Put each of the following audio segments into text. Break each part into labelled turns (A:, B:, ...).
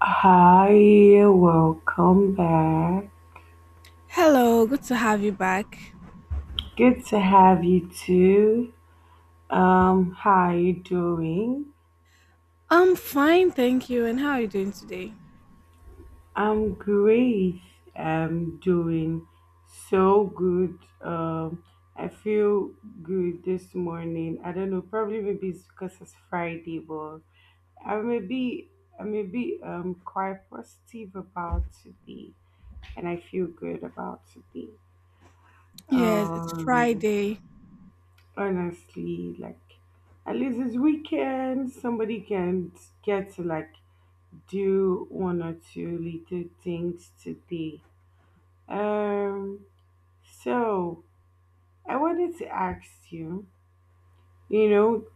A: Hi, welcome back.
B: Hello, good to have you back.
A: Good to have you too. How you doing?
B: I'm fine, thank you. And how are you doing today?
A: I'm great. I'm doing so good. I feel good this morning. I don't know, probably maybe it's because it's Friday, but I may be I may be quite positive about today and I feel good about today.
B: Yes, it's
A: Um.
B: Friday.
A: Honestly, like at least it's weekend somebody can get to, like, do one or two little things today, um so I wanted to ask you, you know,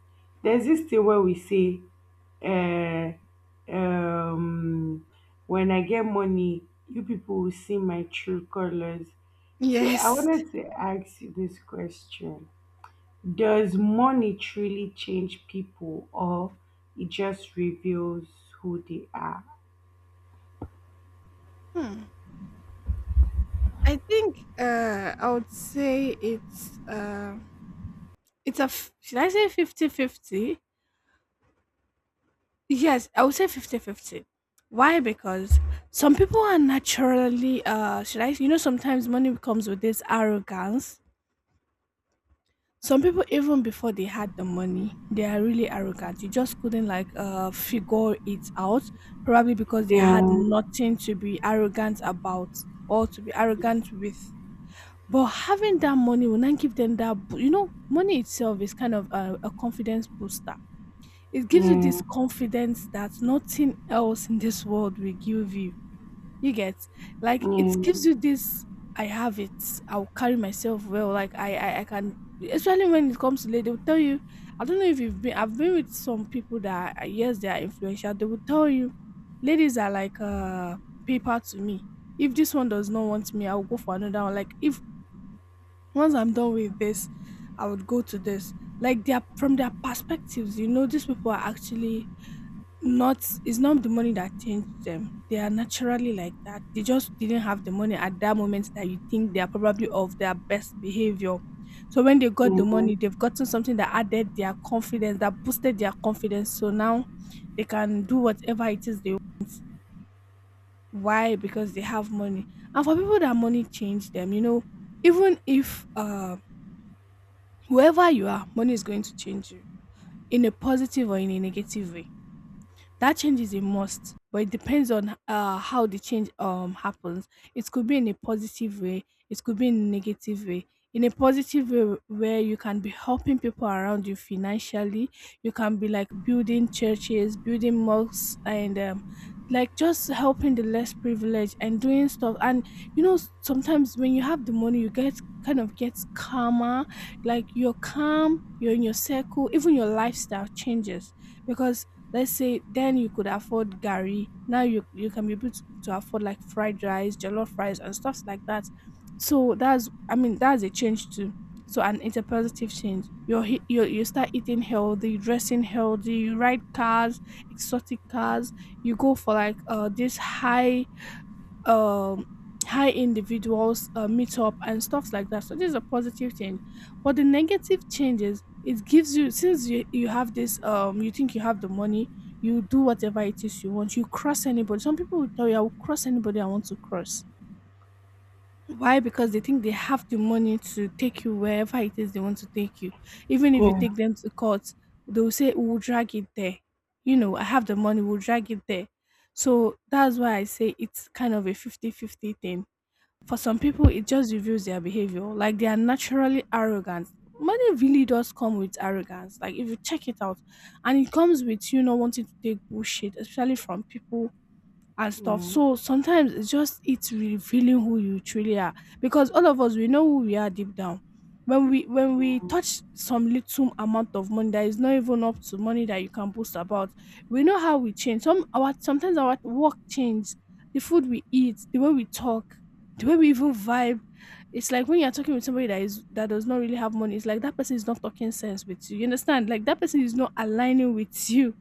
A: there's this thing where we say, uh um when I get money, you people will see my true colors. So I
B: Yes.
A: wanted to ask you this question. Does money truly change people or it just reveals who they are?
B: Hmm. I think I would say it's should I say 50 50? Yes, I would say 50 50. Why? Because some people are naturally should I, sometimes money comes with this arrogance. Some people, even before they had the money, they are really arrogant. You just couldn't, like, figure it out, probably because they
A: Yeah,
B: had nothing to be arrogant about or to be arrogant with. But having that money will not give them that. Money itself is kind of a confidence booster. It gives you
A: yeah,
B: this confidence that nothing else in this world will give you. You get, like, it
A: yeah,
B: gives you this I have it. I'll carry myself well. Like, I can, especially when it comes to ladies, they'll tell you. I don't know if you've been I've been with some people that are, yes, they are influential. They will tell you ladies are like, paper to me. If this one does not want me, I'll go for another one. Like, if once I'm done with this, I would go to this. Like, they are, from their perspectives, you know, these people are actually not it's not the money that changed them. They are naturally like that. They just didn't have the money at that moment that you think they are probably of their best behavior. So when they got
A: yeah,
B: the
A: yeah,
B: money, they've gotten something that added their confidence, that boosted their confidence. So now they can do whatever it is they why because they have money. And for people that money changed them, you know, even if whoever you are, money is going to change you, in a positive or in a negative way. That change is a must, but it depends on, how the change happens. It could be in a positive way, it could be in a negative way. In a positive way, where you can be helping people around you financially, you can be like building churches, building mosques, and, like, just helping the less privileged and doing stuff. And, you know, sometimes when you have the money, you get kind of gets calmer. Like, you're calm, you're in your circle, even your lifestyle changes, because, let's say, then you could afford gari. Now you can be able to afford like fried rice, jollof rice, and stuff like that. So that's, I mean, that's a change too. So and it's a positive change. You're, you start eating healthy, dressing healthy. You ride cars, exotic cars. You go for like this high, um high individuals, meet up and stuff like that. So this is a positive change. But the negative changes it gives you, since you have this, you think you have the money, you do whatever it is you want. You cross anybody. Some people will tell you, I will cross anybody I want to cross. Why? Because they think they have the money to take you wherever it is they want to take you. Even if you take them to court, they will say, we'll drag it there. You know, I have the money. We'll drag it there. So that's why I say it's kind of a 50-50 thing. For some people, it just reveals their behavior, like they are naturally arrogant. Money really does come with arrogance. Like, if you check it out, and it comes with you not wanting to take bullshit, especially from people and stuff. So sometimes it's just it's revealing who you truly are, because all of us, we know who we are deep down. When we when
A: yeah,
B: we touch some little amount of money that is not even up to money that you can boast about, we know how we change. Some, our, sometimes our work change, the food we eat, the way we talk, the way we even vibe. It's like when you're talking with somebody that is that does not really have money, it's like that person is not talking sense with you. You understand? Like, that person is not aligning with you.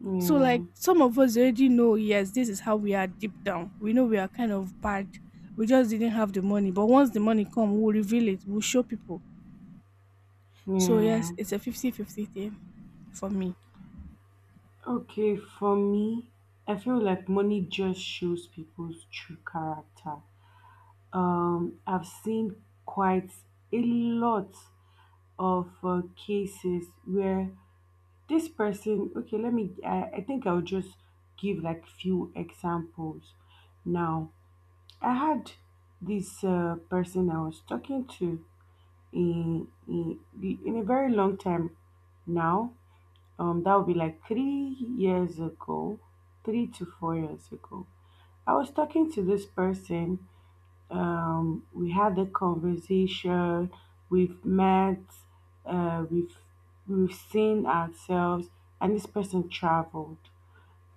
A: yeah,
B: So,
A: yeah,
B: like, some of us already know. Yes, this is how we are deep down. We know we are kind of bad. We just didn't have the money, but once the money come, we'll reveal it, we'll show people. So
A: yeah.
B: yes, it's a 50-50 thing for me.
A: Okay, for me, I feel like money just shows people's true character. I've seen quite a lot of cases where this person, okay, let me, I think I'll just give like few examples now. I had this person I was talking to in a very long time now. That would be like 3 years ago, 3 to 4 years ago. I was talking to this person. We had the conversation, we've met, uh, we've we've seen ourselves, and this person traveled.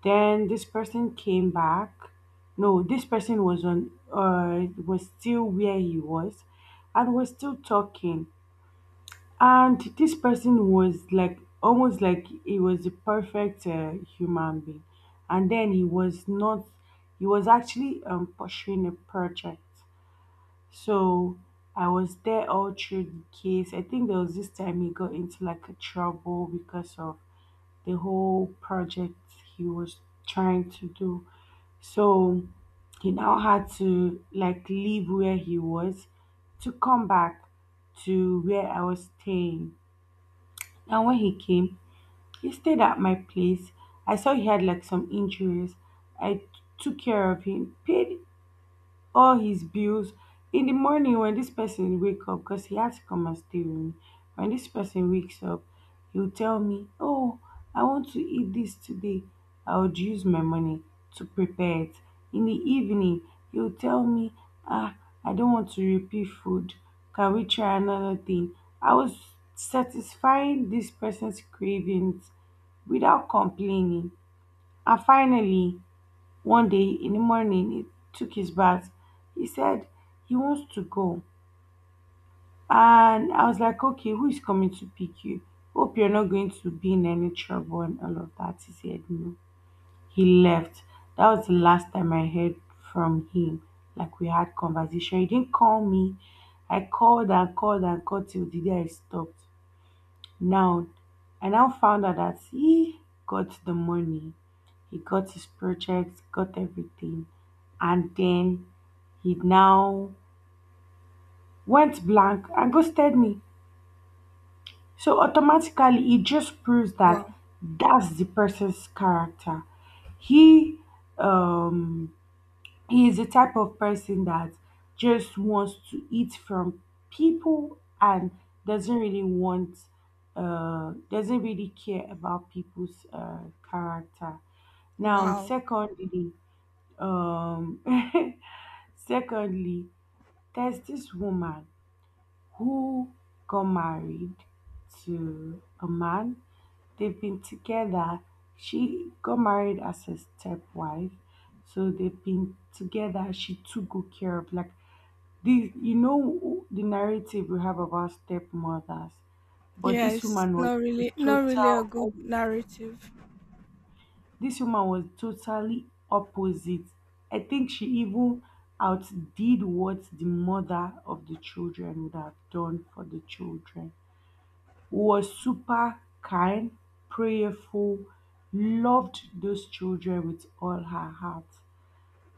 A: Then this person came back. No, this person was on was still where he was and was still talking. And this person was like almost like he was the perfect human being. And then he was not, he was actually pursuing a project. So I was there all through the case. I think there was this time he got into like a trouble because of the whole project he was trying to do. So he now had to like leave where he was to come back to where I was staying. And when he came, he stayed at my place. I saw he had like some injuries. I took care of him, paid all his bills. In the morning, when this person wake up, because he has to come and stay with me, when this person wakes up, he'll tell me, oh, I want to eat this today. I would use my money to prepare it. In the evening, he'll tell me, ah, I don't want to repeat food, can we try another thing? I was satisfying this person's cravings without complaining. And finally, one day in the morning, he took his bath. He said he wants to go. And I was like, okay, who is coming to pick you? Hope you're not going to be in any trouble and all of that. He said, no. He left. That was the last time I heard from him. Like we had conversation. He didn't call me. I called and called and called till the day I stopped. Now, I now found out that he got the money, he got his project, got everything, and then he now went blank and ghosted me. So automatically, it just proves
B: Wow.
A: that that's the person's character. He um he is the type of person that just wants to eat from people and doesn't really want, doesn't really care about people's character. Now,
B: Wow.
A: secondly, um secondly, there's this woman who got married to a man. They've been together. She got married as a stepwife. So they've been together. She took good care of like the, you know, the narrative we have about stepmothers, but this
B: Yes,
A: woman was.
B: not
A: the
B: really, not really a
A: total. op-
B: good narrative.
A: This woman was totally opposite. I think she even outdid what the mother of the children would have done for the children. Was super kind, prayerful, loved those children with all her heart.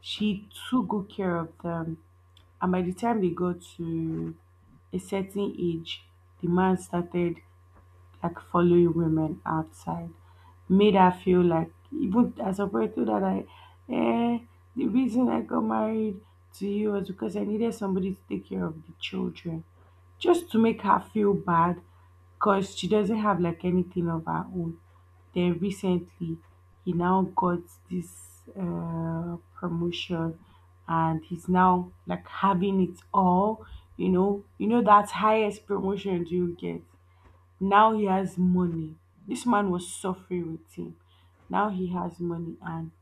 A: She took good care of them, and by the time they got to a certain age, the man started like following women outside, made her feel like, even as a boy, told her that I, eh, the reason I got married to you was because I needed somebody to take care of the children. Just to make her feel bad because she doesn't have like anything of her own. Then recently, he now got this promotion, and he's now like having it all. You know, you know that highest promotion you get. Now he has money. This man was suffering with him. Now he has money and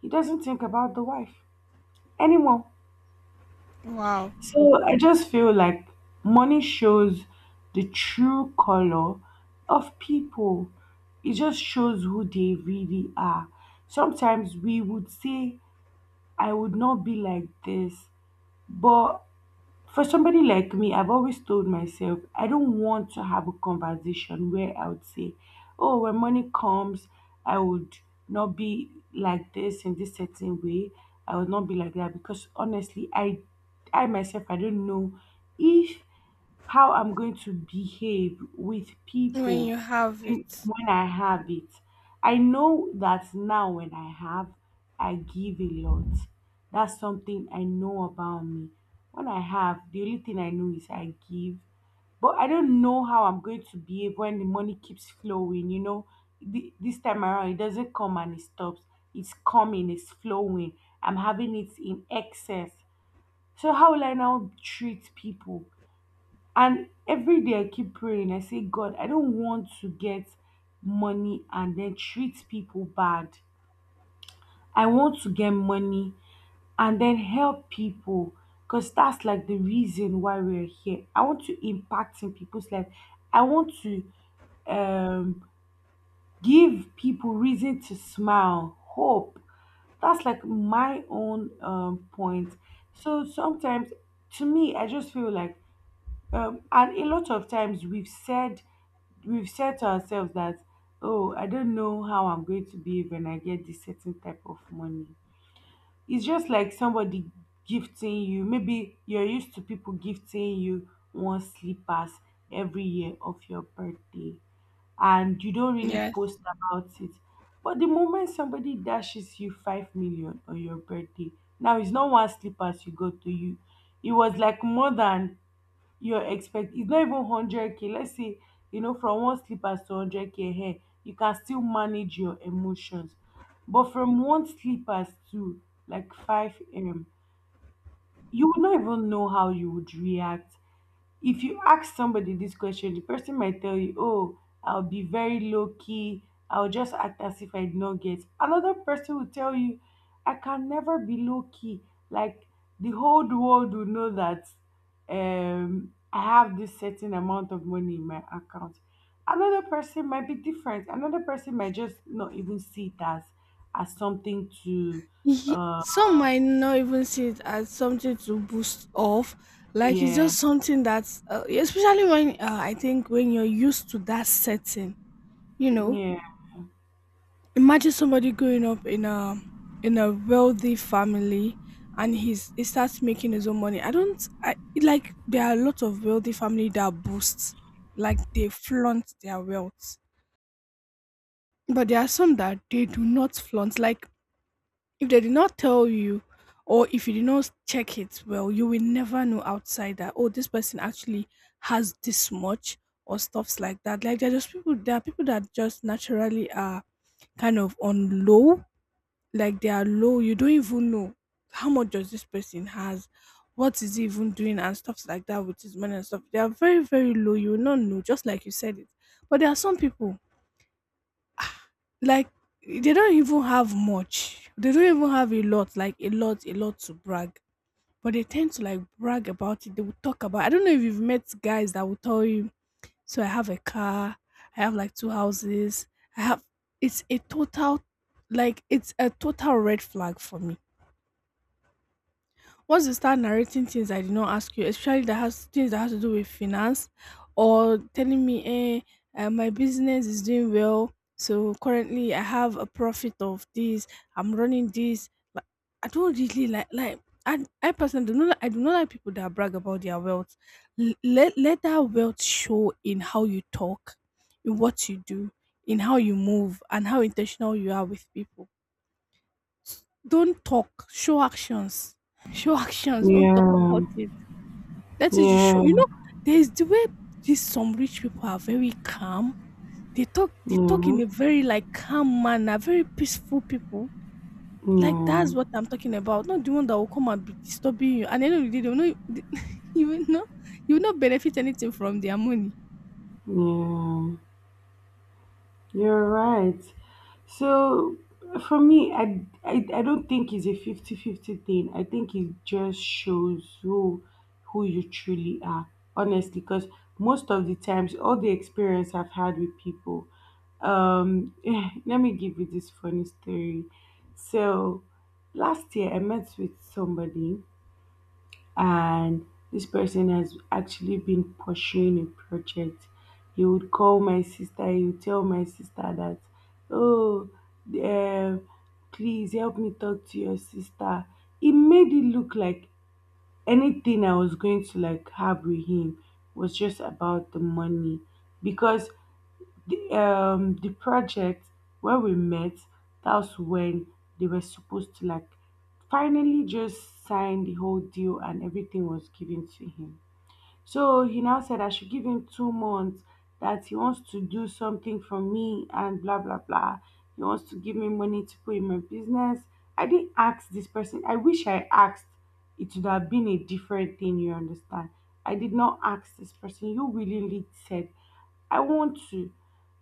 A: he doesn't think about the wife anymore.
B: Wow.
A: So I just feel like money shows the true color of people. It just shows who they really are. Sometimes we would say, I would not be like this, but for somebody like me, I've always told myself, I don't want to have a conversation where I would say, oh, when money comes, I would not be like this in this certain way. I would not be like that because, honestly, I myself I don't know if how I'm going to behave with
B: When
A: people.
B: you have it.
A: When I have it. I know that now when I have, I give a lot. That's something I know about me. When I have, the only thing I know is I give. But I don't know how I'm going to behave when the money keeps flowing, you know. This time around, it doesn't come and it stops. It's coming, it's flowing. I'm having it in excess. So, how will I now treat people? And every day I keep praying. I say, God, I don't want to get money and then treat people bad. I want to get money and then help people because that's like the reason why we're here. I want to impact in people's life. I want to um, give people reason to smile, hope. That's like my own point. So sometimes to me, I just feel like, and a lot of times we've said to ourselves that, oh, I don't know how I'm going to behave when I get this certain type of money. It's just like somebody gifting you, maybe you're used to people gifting you one slippers every year of your birthday, and you don't really
B: Yes.
A: post about it. But the moment somebody dashes you 5 million on your birthday, now it's not one slippers you got to you, it was like more than your expect. It's not even 100K, let's say, you know, from one slippers to 100K here, you can still manage your emotions, but from one slippers to like 5M, you would not even know how you would react. If you ask somebody this question, the person might tell you, oh, I'll be very low key, I'll just act as if I did not get. Another person will tell you, I can never be low key, like the whole world will know that, I have this certain amount of money in my account. Another person might be different, another person might just not even see it as something to uh
B: Some might not even see it as something to boost off. Like, it's
A: yeah,
B: just something that's, especially when, I think, when you're used to that setting. You know,
A: yeah,
B: imagine somebody growing up in a, in a wealthy family, and he starts making his own money. I don't, I like there are a lot of wealthy family that boast, like, they flaunt their wealth. But there are some that they do not flaunt. Like, if they did not tell you, or if you did not check it well, you will never know outside that, oh, this person actually has this much, or stuffs like that. Like, there are just people there are people that just naturally are kind of on low. Like, they are low. You don't even know how much does this person has, what is he even doing and stuff like that with his money and stuff. They are very, very low. You will not know, just like you said it. But there are some people, like, they don't even have much. They don't even have a lot. Like, a lot, a lot to brag. But they tend to, like, brag about it. They will talk about I don't know if you've met guys that will tell you, so I have a car, I have like two houses, I have it's a total, like, it's a total red flag for me. Once they start narrating things I did not ask you, especially that has things that has to do with finance, or telling me, my business is doing well. So currently I have a profit of this. I'm running this. But I don't really like I personally do not I do not like people that brag about their wealth. Let that wealth show in how you talk, in what you do, in how you move, and how intentional you are with people. Don't talk, show actions. Show actions, don't talk
A: yeah,
B: about it. Let it show.
A: yeah,
B: There's the way these, some rich people are very calm. They talk
A: yeah,
B: in a very, like, calm manner, very peaceful people. Like,
A: yeah.
B: that's what I'm talking about. Not the one that will come and be disturbing you. And at the end of the day, they will not you will not you will not benefit anything from their money.
A: Yeah, you're right. So for me, I don't think it's a fifty fifty thing. I think it just shows who you truly are, honestly, because most of the times all the experience I've had with people, um let me give you this funny story. So last year I met with somebody and this person has actually been pursuing a project. He would call my sister, he would tell my sister that, oh, um, please help me talk to your sister. It made it look like anything I was going to like have with him was just about the money because the project where we met, that was when they were supposed to like finally just sign the whole deal and everything was given to him. So he now said I should give him 2 months, that he wants to do something for me and blah, blah, blah. He wants to give me money to put in my business. I didn't ask this person. I wish I asked. It would have been a different thing, you understand? I did not ask this person. You willingly said, I want to.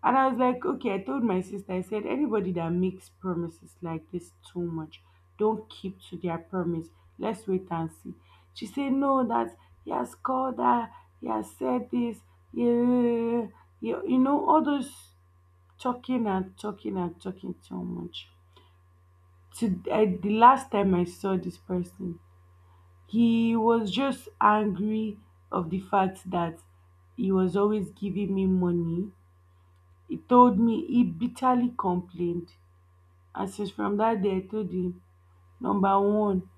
A: And I was like, okay, I told my sister, I said, anybody that makes promises like this too much, don't keep to their promise. Let's wait and see. She said, no, that he has called her, he has said this, yeah, yeah, yeah. You know, all those talking and talking and talking too much. To, the last time I saw this person, he was just angry of the fact that he was always giving me money. He told me he bitterly complained. And since from that day, I told him, number one,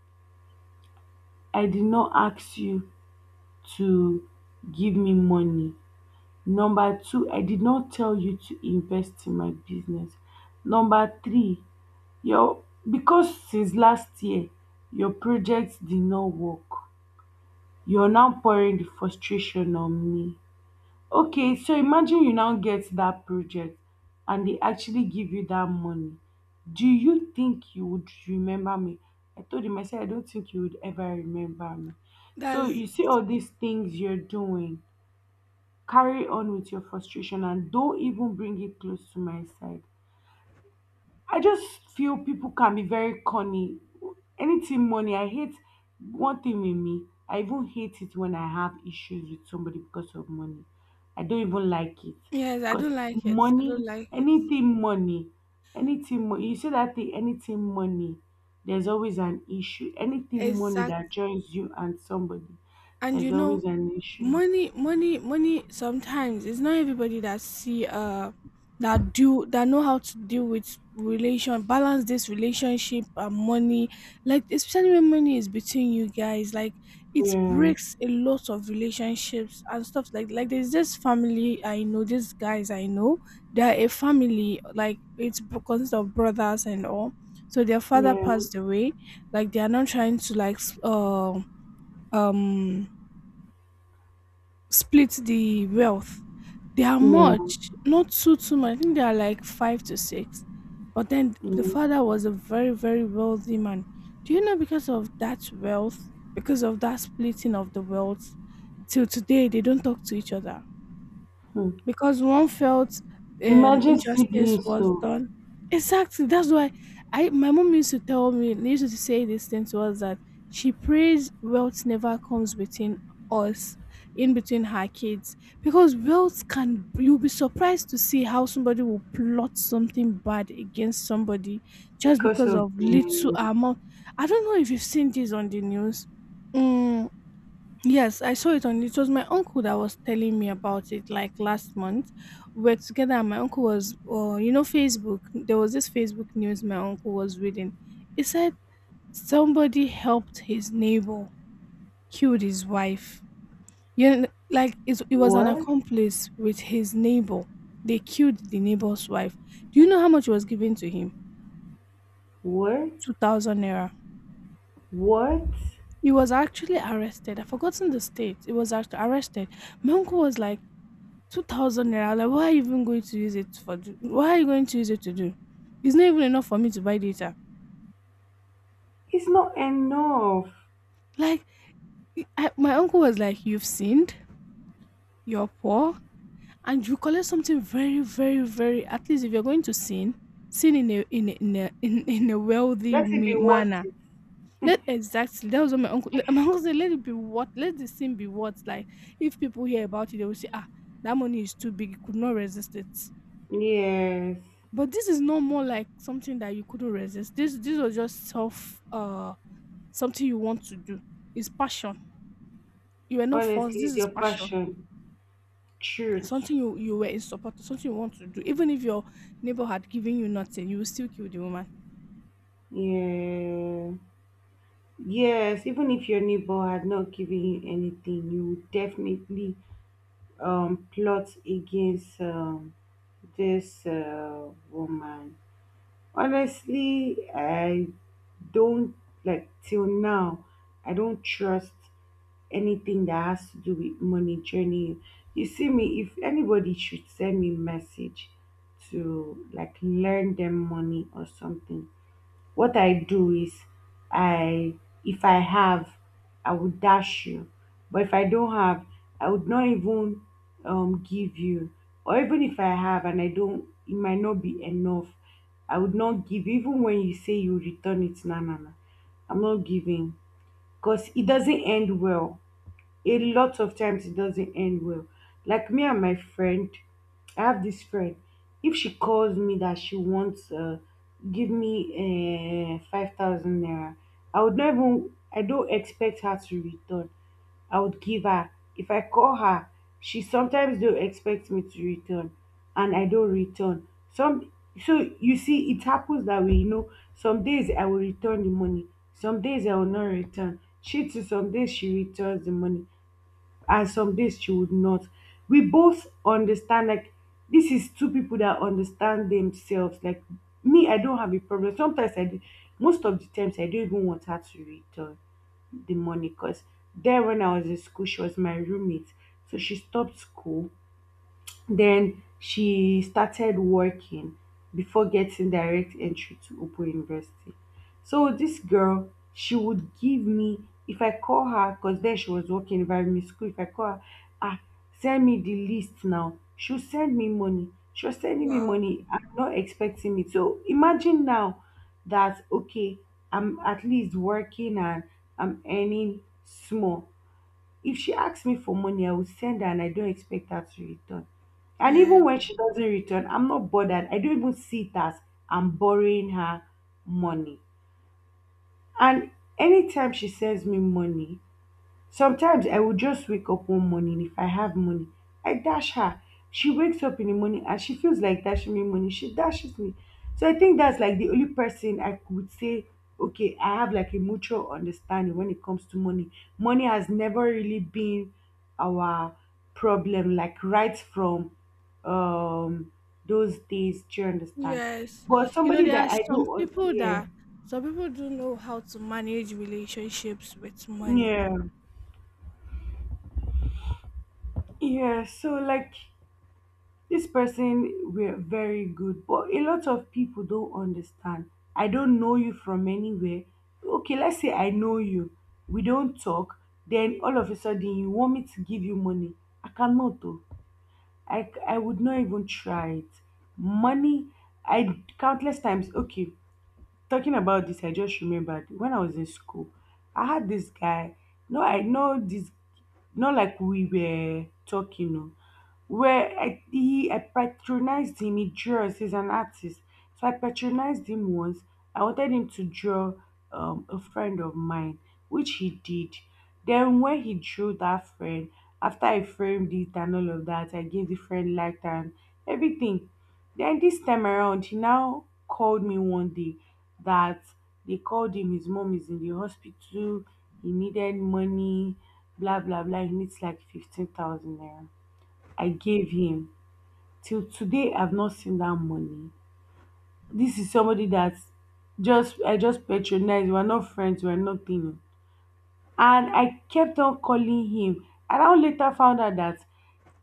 A: I did not ask you to give me money. Number two, I did not tell you to invest in my business. Number three, your, because since last year your projects did not work, you're now pouring the frustration on me. Okay, so imagine you now get that project and they actually give you that money. Do you think you would remember me? I told him, I said, I don't think you would ever remember me. So
B: That's
A: you
B: it.
A: see all these things you're doing, carry on with your frustration and don't even bring it close to my side. I just feel people can be very corny. Anything money, I hate one thing with me. I even hate it when I have issues with somebody because of money. I don't even like it,
B: Yes, I
A: because
B: don't like it. I don't
A: money,
B: like it.
A: anything money, anything money. You say that thing, anything money. There's always an issue. Anything money
B: Exact.
A: that joins you and somebody,
B: And,
A: there's always an issue.
B: money money money, sometimes it's not everybody that see, that do, that know how to deal with relation, balance this relationship and money, like, especially when money is between you guys. Like, it
A: Yeah,
B: breaks a lot of relationships and stuff. Like, there's this family I know, these guys I know, they're a family. Like, it's consists of brothers and all. So their father
A: yeah,
B: passed away. Like, they are not trying to, like, um split the wealth. They are
A: yeah.
B: much, not too too much. I think they are like five to six. But then the
A: Mhm.
B: father was a very, very wealthy man. Do you know, because of that wealth, because of that splitting of the wealth, till today they don't talk to each other, because one felt,
A: Imagine
B: injustice
A: siblings
B: was
A: so
B: done. Exactly. That's why I my mom used to tell me, used to say this thing to us, that she prays wealth never comes between us, in between her kids, because wealth can you'll be surprised to see how somebody will plot something bad against somebody just
A: because
B: because
A: of
B: of little amount. I don't know if you've seen this on the news. Mm. Yes, I saw it on. It was my uncle that was telling me about it, like, last month. We were together, and my uncle was, oh, Facebook. There was this Facebook news my uncle was reading. It said somebody helped his neighbor killed his wife. Like, it was an
A: what?
B: accomplice with his neighbor. They killed the neighbor's wife. Do you know how much was given to him?
A: What?
B: 2,000 naira.
A: What?
B: He was actually arrested. I've forgotten the state. He was arrested. My uncle was like 2,000 naira, like, what are you even going to use it for? Do? What are you going to use it to do? It's not even enough for me to buy data.
A: It's not enough.
B: Like, my uncle was like, "You've sinned, you're poor, and you collect something very, very, very. At least if you're going to sin, sin in a wealthy
A: Let it be worth
B: manner."
A: it.
B: Not exactly. That was what my My uncle said, "Let it be what. Let the sin be what. Like, if people hear about it, they will say, ah, that money is too big. He could not resist it."
A: Yes.
B: But this is no more like something that you couldn't resist. This was just self something you want to do. It's passion. You were not forced.
A: Honestly,
B: This
A: it's
B: is
A: your
B: passion.
A: passion. Truth.
B: Something you were in support of, something you want to do. Even if your neighbor had given you nothing, you will still kill the woman.
A: Yeah. Yes, even if your neighbor had not given you anything, you would definitely plot against this woman. Honestly, I don't like till now. I don't trust anything that has to do with money journey. You see me, if anybody should send me message to like learn them money or something, what I do is, I if I have, I would dash you. But if I don't have, I would not even give you. Or even if I have and I don't, it might not be enough. I would not give even when you say you return it, nah nah nah. I'm not giving. Because it doesn't end well, a lot of times it doesn't end well. Like me and my friend, I have this friend. If she calls me that she wants, give me 5,000 naira, I would not even. I don't expect her to return. I would give her. If I call her, she sometimes don't expect me to return, and I don't return. Some So you see, it happens that way. Some days I will return the money, some days I will not return. She too, some days she returns the money and some days she would not. We both understand, like, this is two people that understand themselves. Like me, I don't have a problem. Sometimes I do, most of the times I don't even want her to return the money, because then when I was in school, she was my roommate. So she stopped school, then she started working before getting direct entry to Open University. So this girl, she would give me, if I call her, because then she was working in primary school, if I call her, ah, send me the list now. She'll send me money. She was sending me
B: Wow.
A: money. I'm not expecting it. So imagine now that, okay, I'm at least working and I'm earning small. If she asks me for money, I will send her and I don't expect her to return. And even
B: Yes,
A: when she doesn't return, I'm not bothered. I don't even see it as I'm borrowing her money. And anytime she sends me money, sometimes I will just wake up one morning, if I have money, I dash her. She wakes up in the morning and she feels like dashing me money, she dashes me. So I think that's like the only person I would say, okay, I have like a mutual understanding when it comes to money. Money has never really been our problem, like, right from um those days. Do you understand?
B: yes.
A: But
B: You know,
A: somebody
B: there are
A: that I
B: some
A: do...
B: people
A: Yeah,
B: that some people don't know how to manage relationships with money.
A: yeah, yeah. So like, this person were very good, but a lot of people don't understand. I don't know you from anywhere. Okay, let's say I know you, we don't talk, then all of a sudden you want me to give you money. I cannot, though. I would not even try it. Money, I, countless times. Okay. Talking about this, I just remembered when I was in school, I had this guy. No, I know this. Not like we were talking. No, where I patronized him. He draws. He's an artist, so I patronized him once. I wanted him to draw a friend of mine, which he did. Then when he drew that friend, after I framed it and all of that, I gave the friend light and everything. Then this time around, he now called me one day that they called him, his mom is in the hospital, he needed money, blah blah blah. He needs like 15,000 naira. I gave him. Till today I've not seen that money. This is somebody that just I just patronized. We're not friends, we're nothing. And I kept on calling him. And I later found out that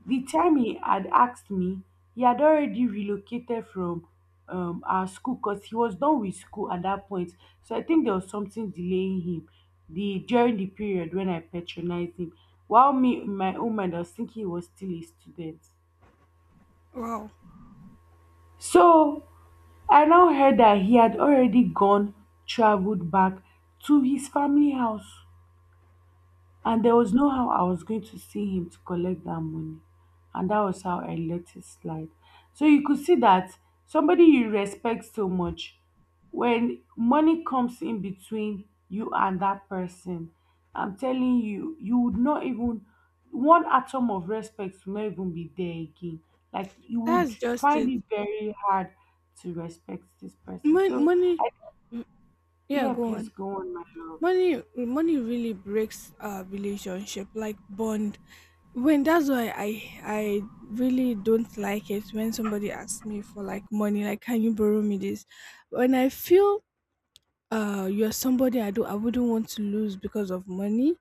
A: the time he had asked me, he had already relocated from our school, because he was done with school at that point. So I think there was something delaying him the during the period when I patronized him. While me in my own mind, I was thinking he was still a student.
B: Wow,
A: So I now heard that he had already gone, traveled back to his family house. And there was no how I was going to see him to collect that money. And that was how I let it slide. So you could see that somebody you respect so much, when money comes in between you and that person, I'm telling you, you would not even, one atom of respect will not even be there again. Like you would
B: that's just
A: find
B: it.
A: it very hard to respect this person. So,
B: Money.
A: I,
B: Mm, yeah,
A: yeah,
B: go
A: please
B: on.
A: go on, my love.
B: Money really breaks a relationship, like, bond. When that's why i i really don't like it when somebody asks me for, like, money, like, can you borrow me this? When I feel you're somebody I wouldn't want to lose because of money,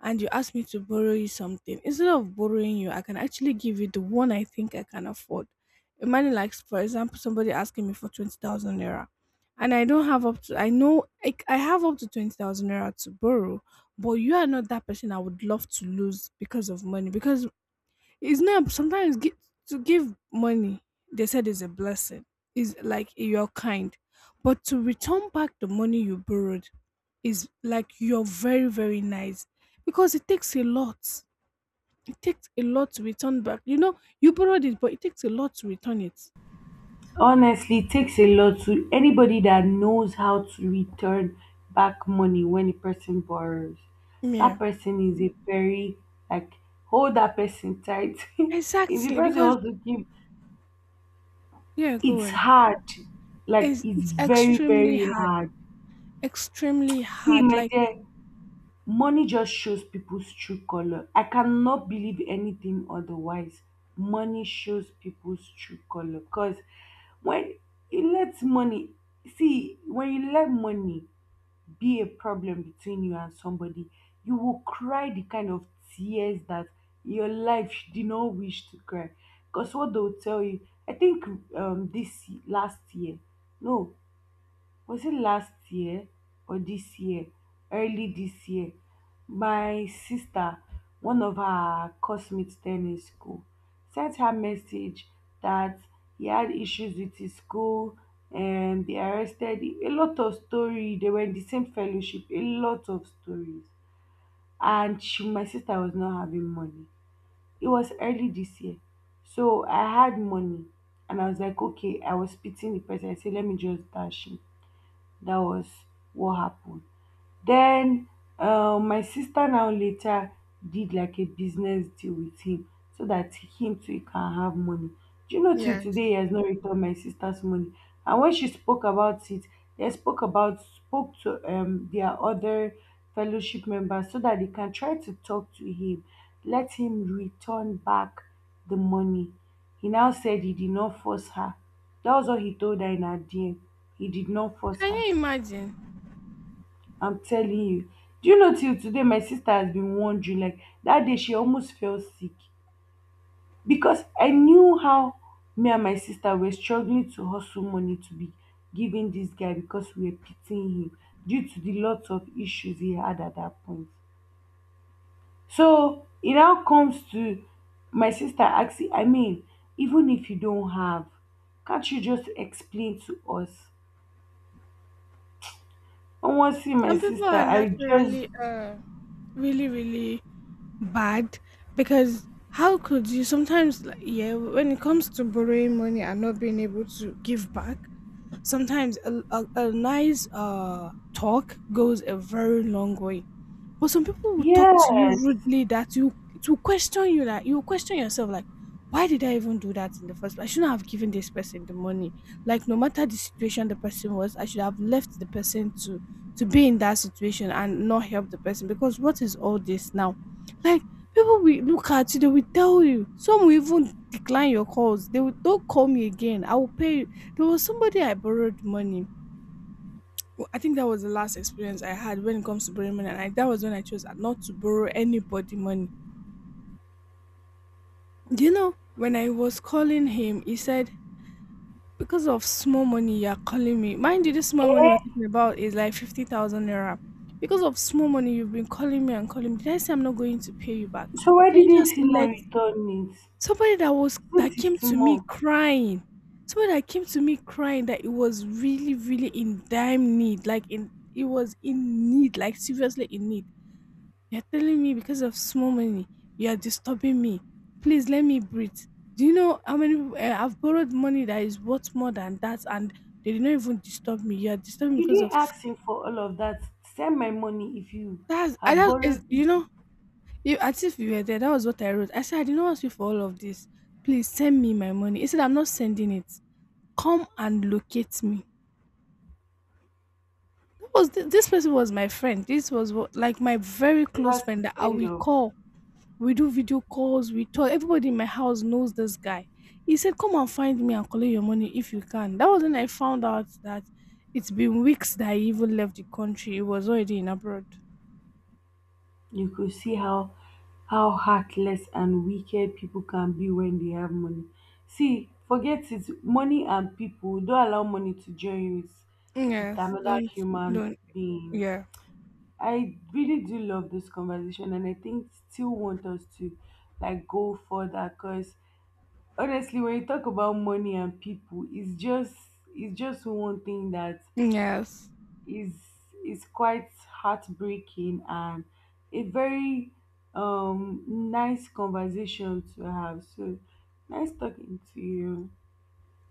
B: and you ask me to borrow you something. Instead of borrowing you, I can actually give you the one I think I can afford. Imagine, like, for example, somebody asking me for ₦20,000 naira, and I don't have up to I know I have up to ₦20,000 naira to borrow, but you are not that person I would love to lose because of money. Because it's not sometimes to give money. They said is a blessing. Is like you're kind, but to return back the money you borrowed is like you're very, very nice because it takes a lot. It takes a lot to return back. You know, you borrowed it, but it takes a lot to return it.
A: Honestly it takes a lot, to anybody that knows how to return back money when a person borrows, that
B: Yeah,
A: person is a very, like, hold that person tight if the
B: exactly.
A: person
B: Because
A: wants to give,
B: yeah, go
A: it's
B: on.
A: hard, like,
B: It's
A: it's
B: it's
A: very
B: extremely
A: very
B: hard.
A: hard.
B: Extremely
A: See,
B: hard.
A: my
B: Like,
A: dear. Money just shows people's true color. I cannot believe anything otherwise. Money shows people's true color. Because when you let money, see, when you let money be a problem between you and somebody, you will cry the kind of tears that your life did not wish to cry. Because what they'll tell you, I think this last year, no, was it last year or this year, early this year, my sister, one of her classmates then in school, sent her message that he had issues with his school and they arrested him, a lot of story, they were in the same fellowship, a lot of stories. And she, my sister was not having money, it was early this year. So I had money and I was like, okay, I was pitying the person, I said, let me just dash it. That was what happened. Then my sister now later did like a business deal with him so that him too he can have money. Do you know till
B: yes,
A: today he has not returned my sister's money? And when she spoke about it, they spoke to their other fellowship members so that they can try to talk to him, let him return back the money. He now said he did not force her. That was what he told her in her DM. He did not force
B: can
A: her.
B: you imagine?
A: I'm telling you. Do you know till today my sister has been wondering, like, that day she almost fell sick, because I knew how me and my sister were struggling to hustle money to be giving this guy because we were pitying him due to the lots of issues he had at that point. So it now comes to my sister asking, I mean, even if you don't have, can't you just explain to us? I want to see my
B: Some people
A: sister.
B: are
A: I just,
B: naturally really, really bad. Because how could you? Sometimes, like, yeah, when it comes to borrowing money and not being able to give back, sometimes a nice talk goes a very long way. But some people will talk to you
A: yes.
B: rudely that you it will question you, like, you will question yourself, like, why did I even do that in the first place? I shouldn't have given this person the money. Like, no matter the situation the person was, I should have left the person to be in that situation and not help the person. Because what is all this now? Like, people will look at you, they will tell you. Some will even decline your calls. They will, "Don't call me again. I will pay you." There was somebody I borrowed money. Well, I think that was the last experience I had when it comes to borrowing money, and that was when I chose not to borrow anybody money. Do you know, when I was calling him, he said, "Because of small money, you're calling me." Mind you, this small money we're talking about is like ₦50,000 naira. "Because of small money, you've been calling me and calling me. Did I say I'm not going to pay you back?"
A: So why
B: Can you
A: didn't
B: just
A: he not
B: let
A: return it?
B: somebody that was that
A: Since
B: came
A: it's
B: to me
A: small,
B: crying, somebody that came to me crying that it was really, really in dire need, like, in it was in need, like, seriously in need. You're telling me because of small money, you are disturbing me. Please let me breathe. Do you know how many I've borrowed money that is worth more than that, and they did not even disturb me. You are disturbing me
A: you
B: because
A: didn't
B: of
A: ask him for all of that. Send my money if you have
B: that is,
A: borrowed
B: you
A: people.
B: know, you, as if you were there. That was what I wrote. I said I did not ask you for all of this. Please send me my money. He said I'm not sending it. Come and locate me. That was this person was my friend. This was like, my very close
A: That's
B: friend that
A: the
B: I
A: end
B: will
A: of.
B: call. We do video calls, we talk. Everybody in my house knows this guy. He said, "Come and find me and collect your money if you can." That was when I found out that it's been weeks that he even left the country. He was already in abroad.
A: You could see how heartless and wicked people can be when they have money. See, forget it. Money and people, don't allow money to join you with
B: Yes,
A: another human
B: don't,
A: being.
B: yeah.
A: I really do love this conversation, and I think still want us to, like, go further, because honestly when you talk about money and people, it's just one thing that
B: Yes.
A: is is quite heartbreaking and a very nice conversation to have. So, nice talking to you.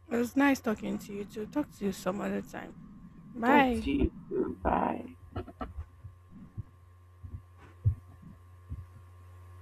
B: It was nice talking to you too. Talk to you some other time.
A: Talk to
B: Bye.
A: you. Bye.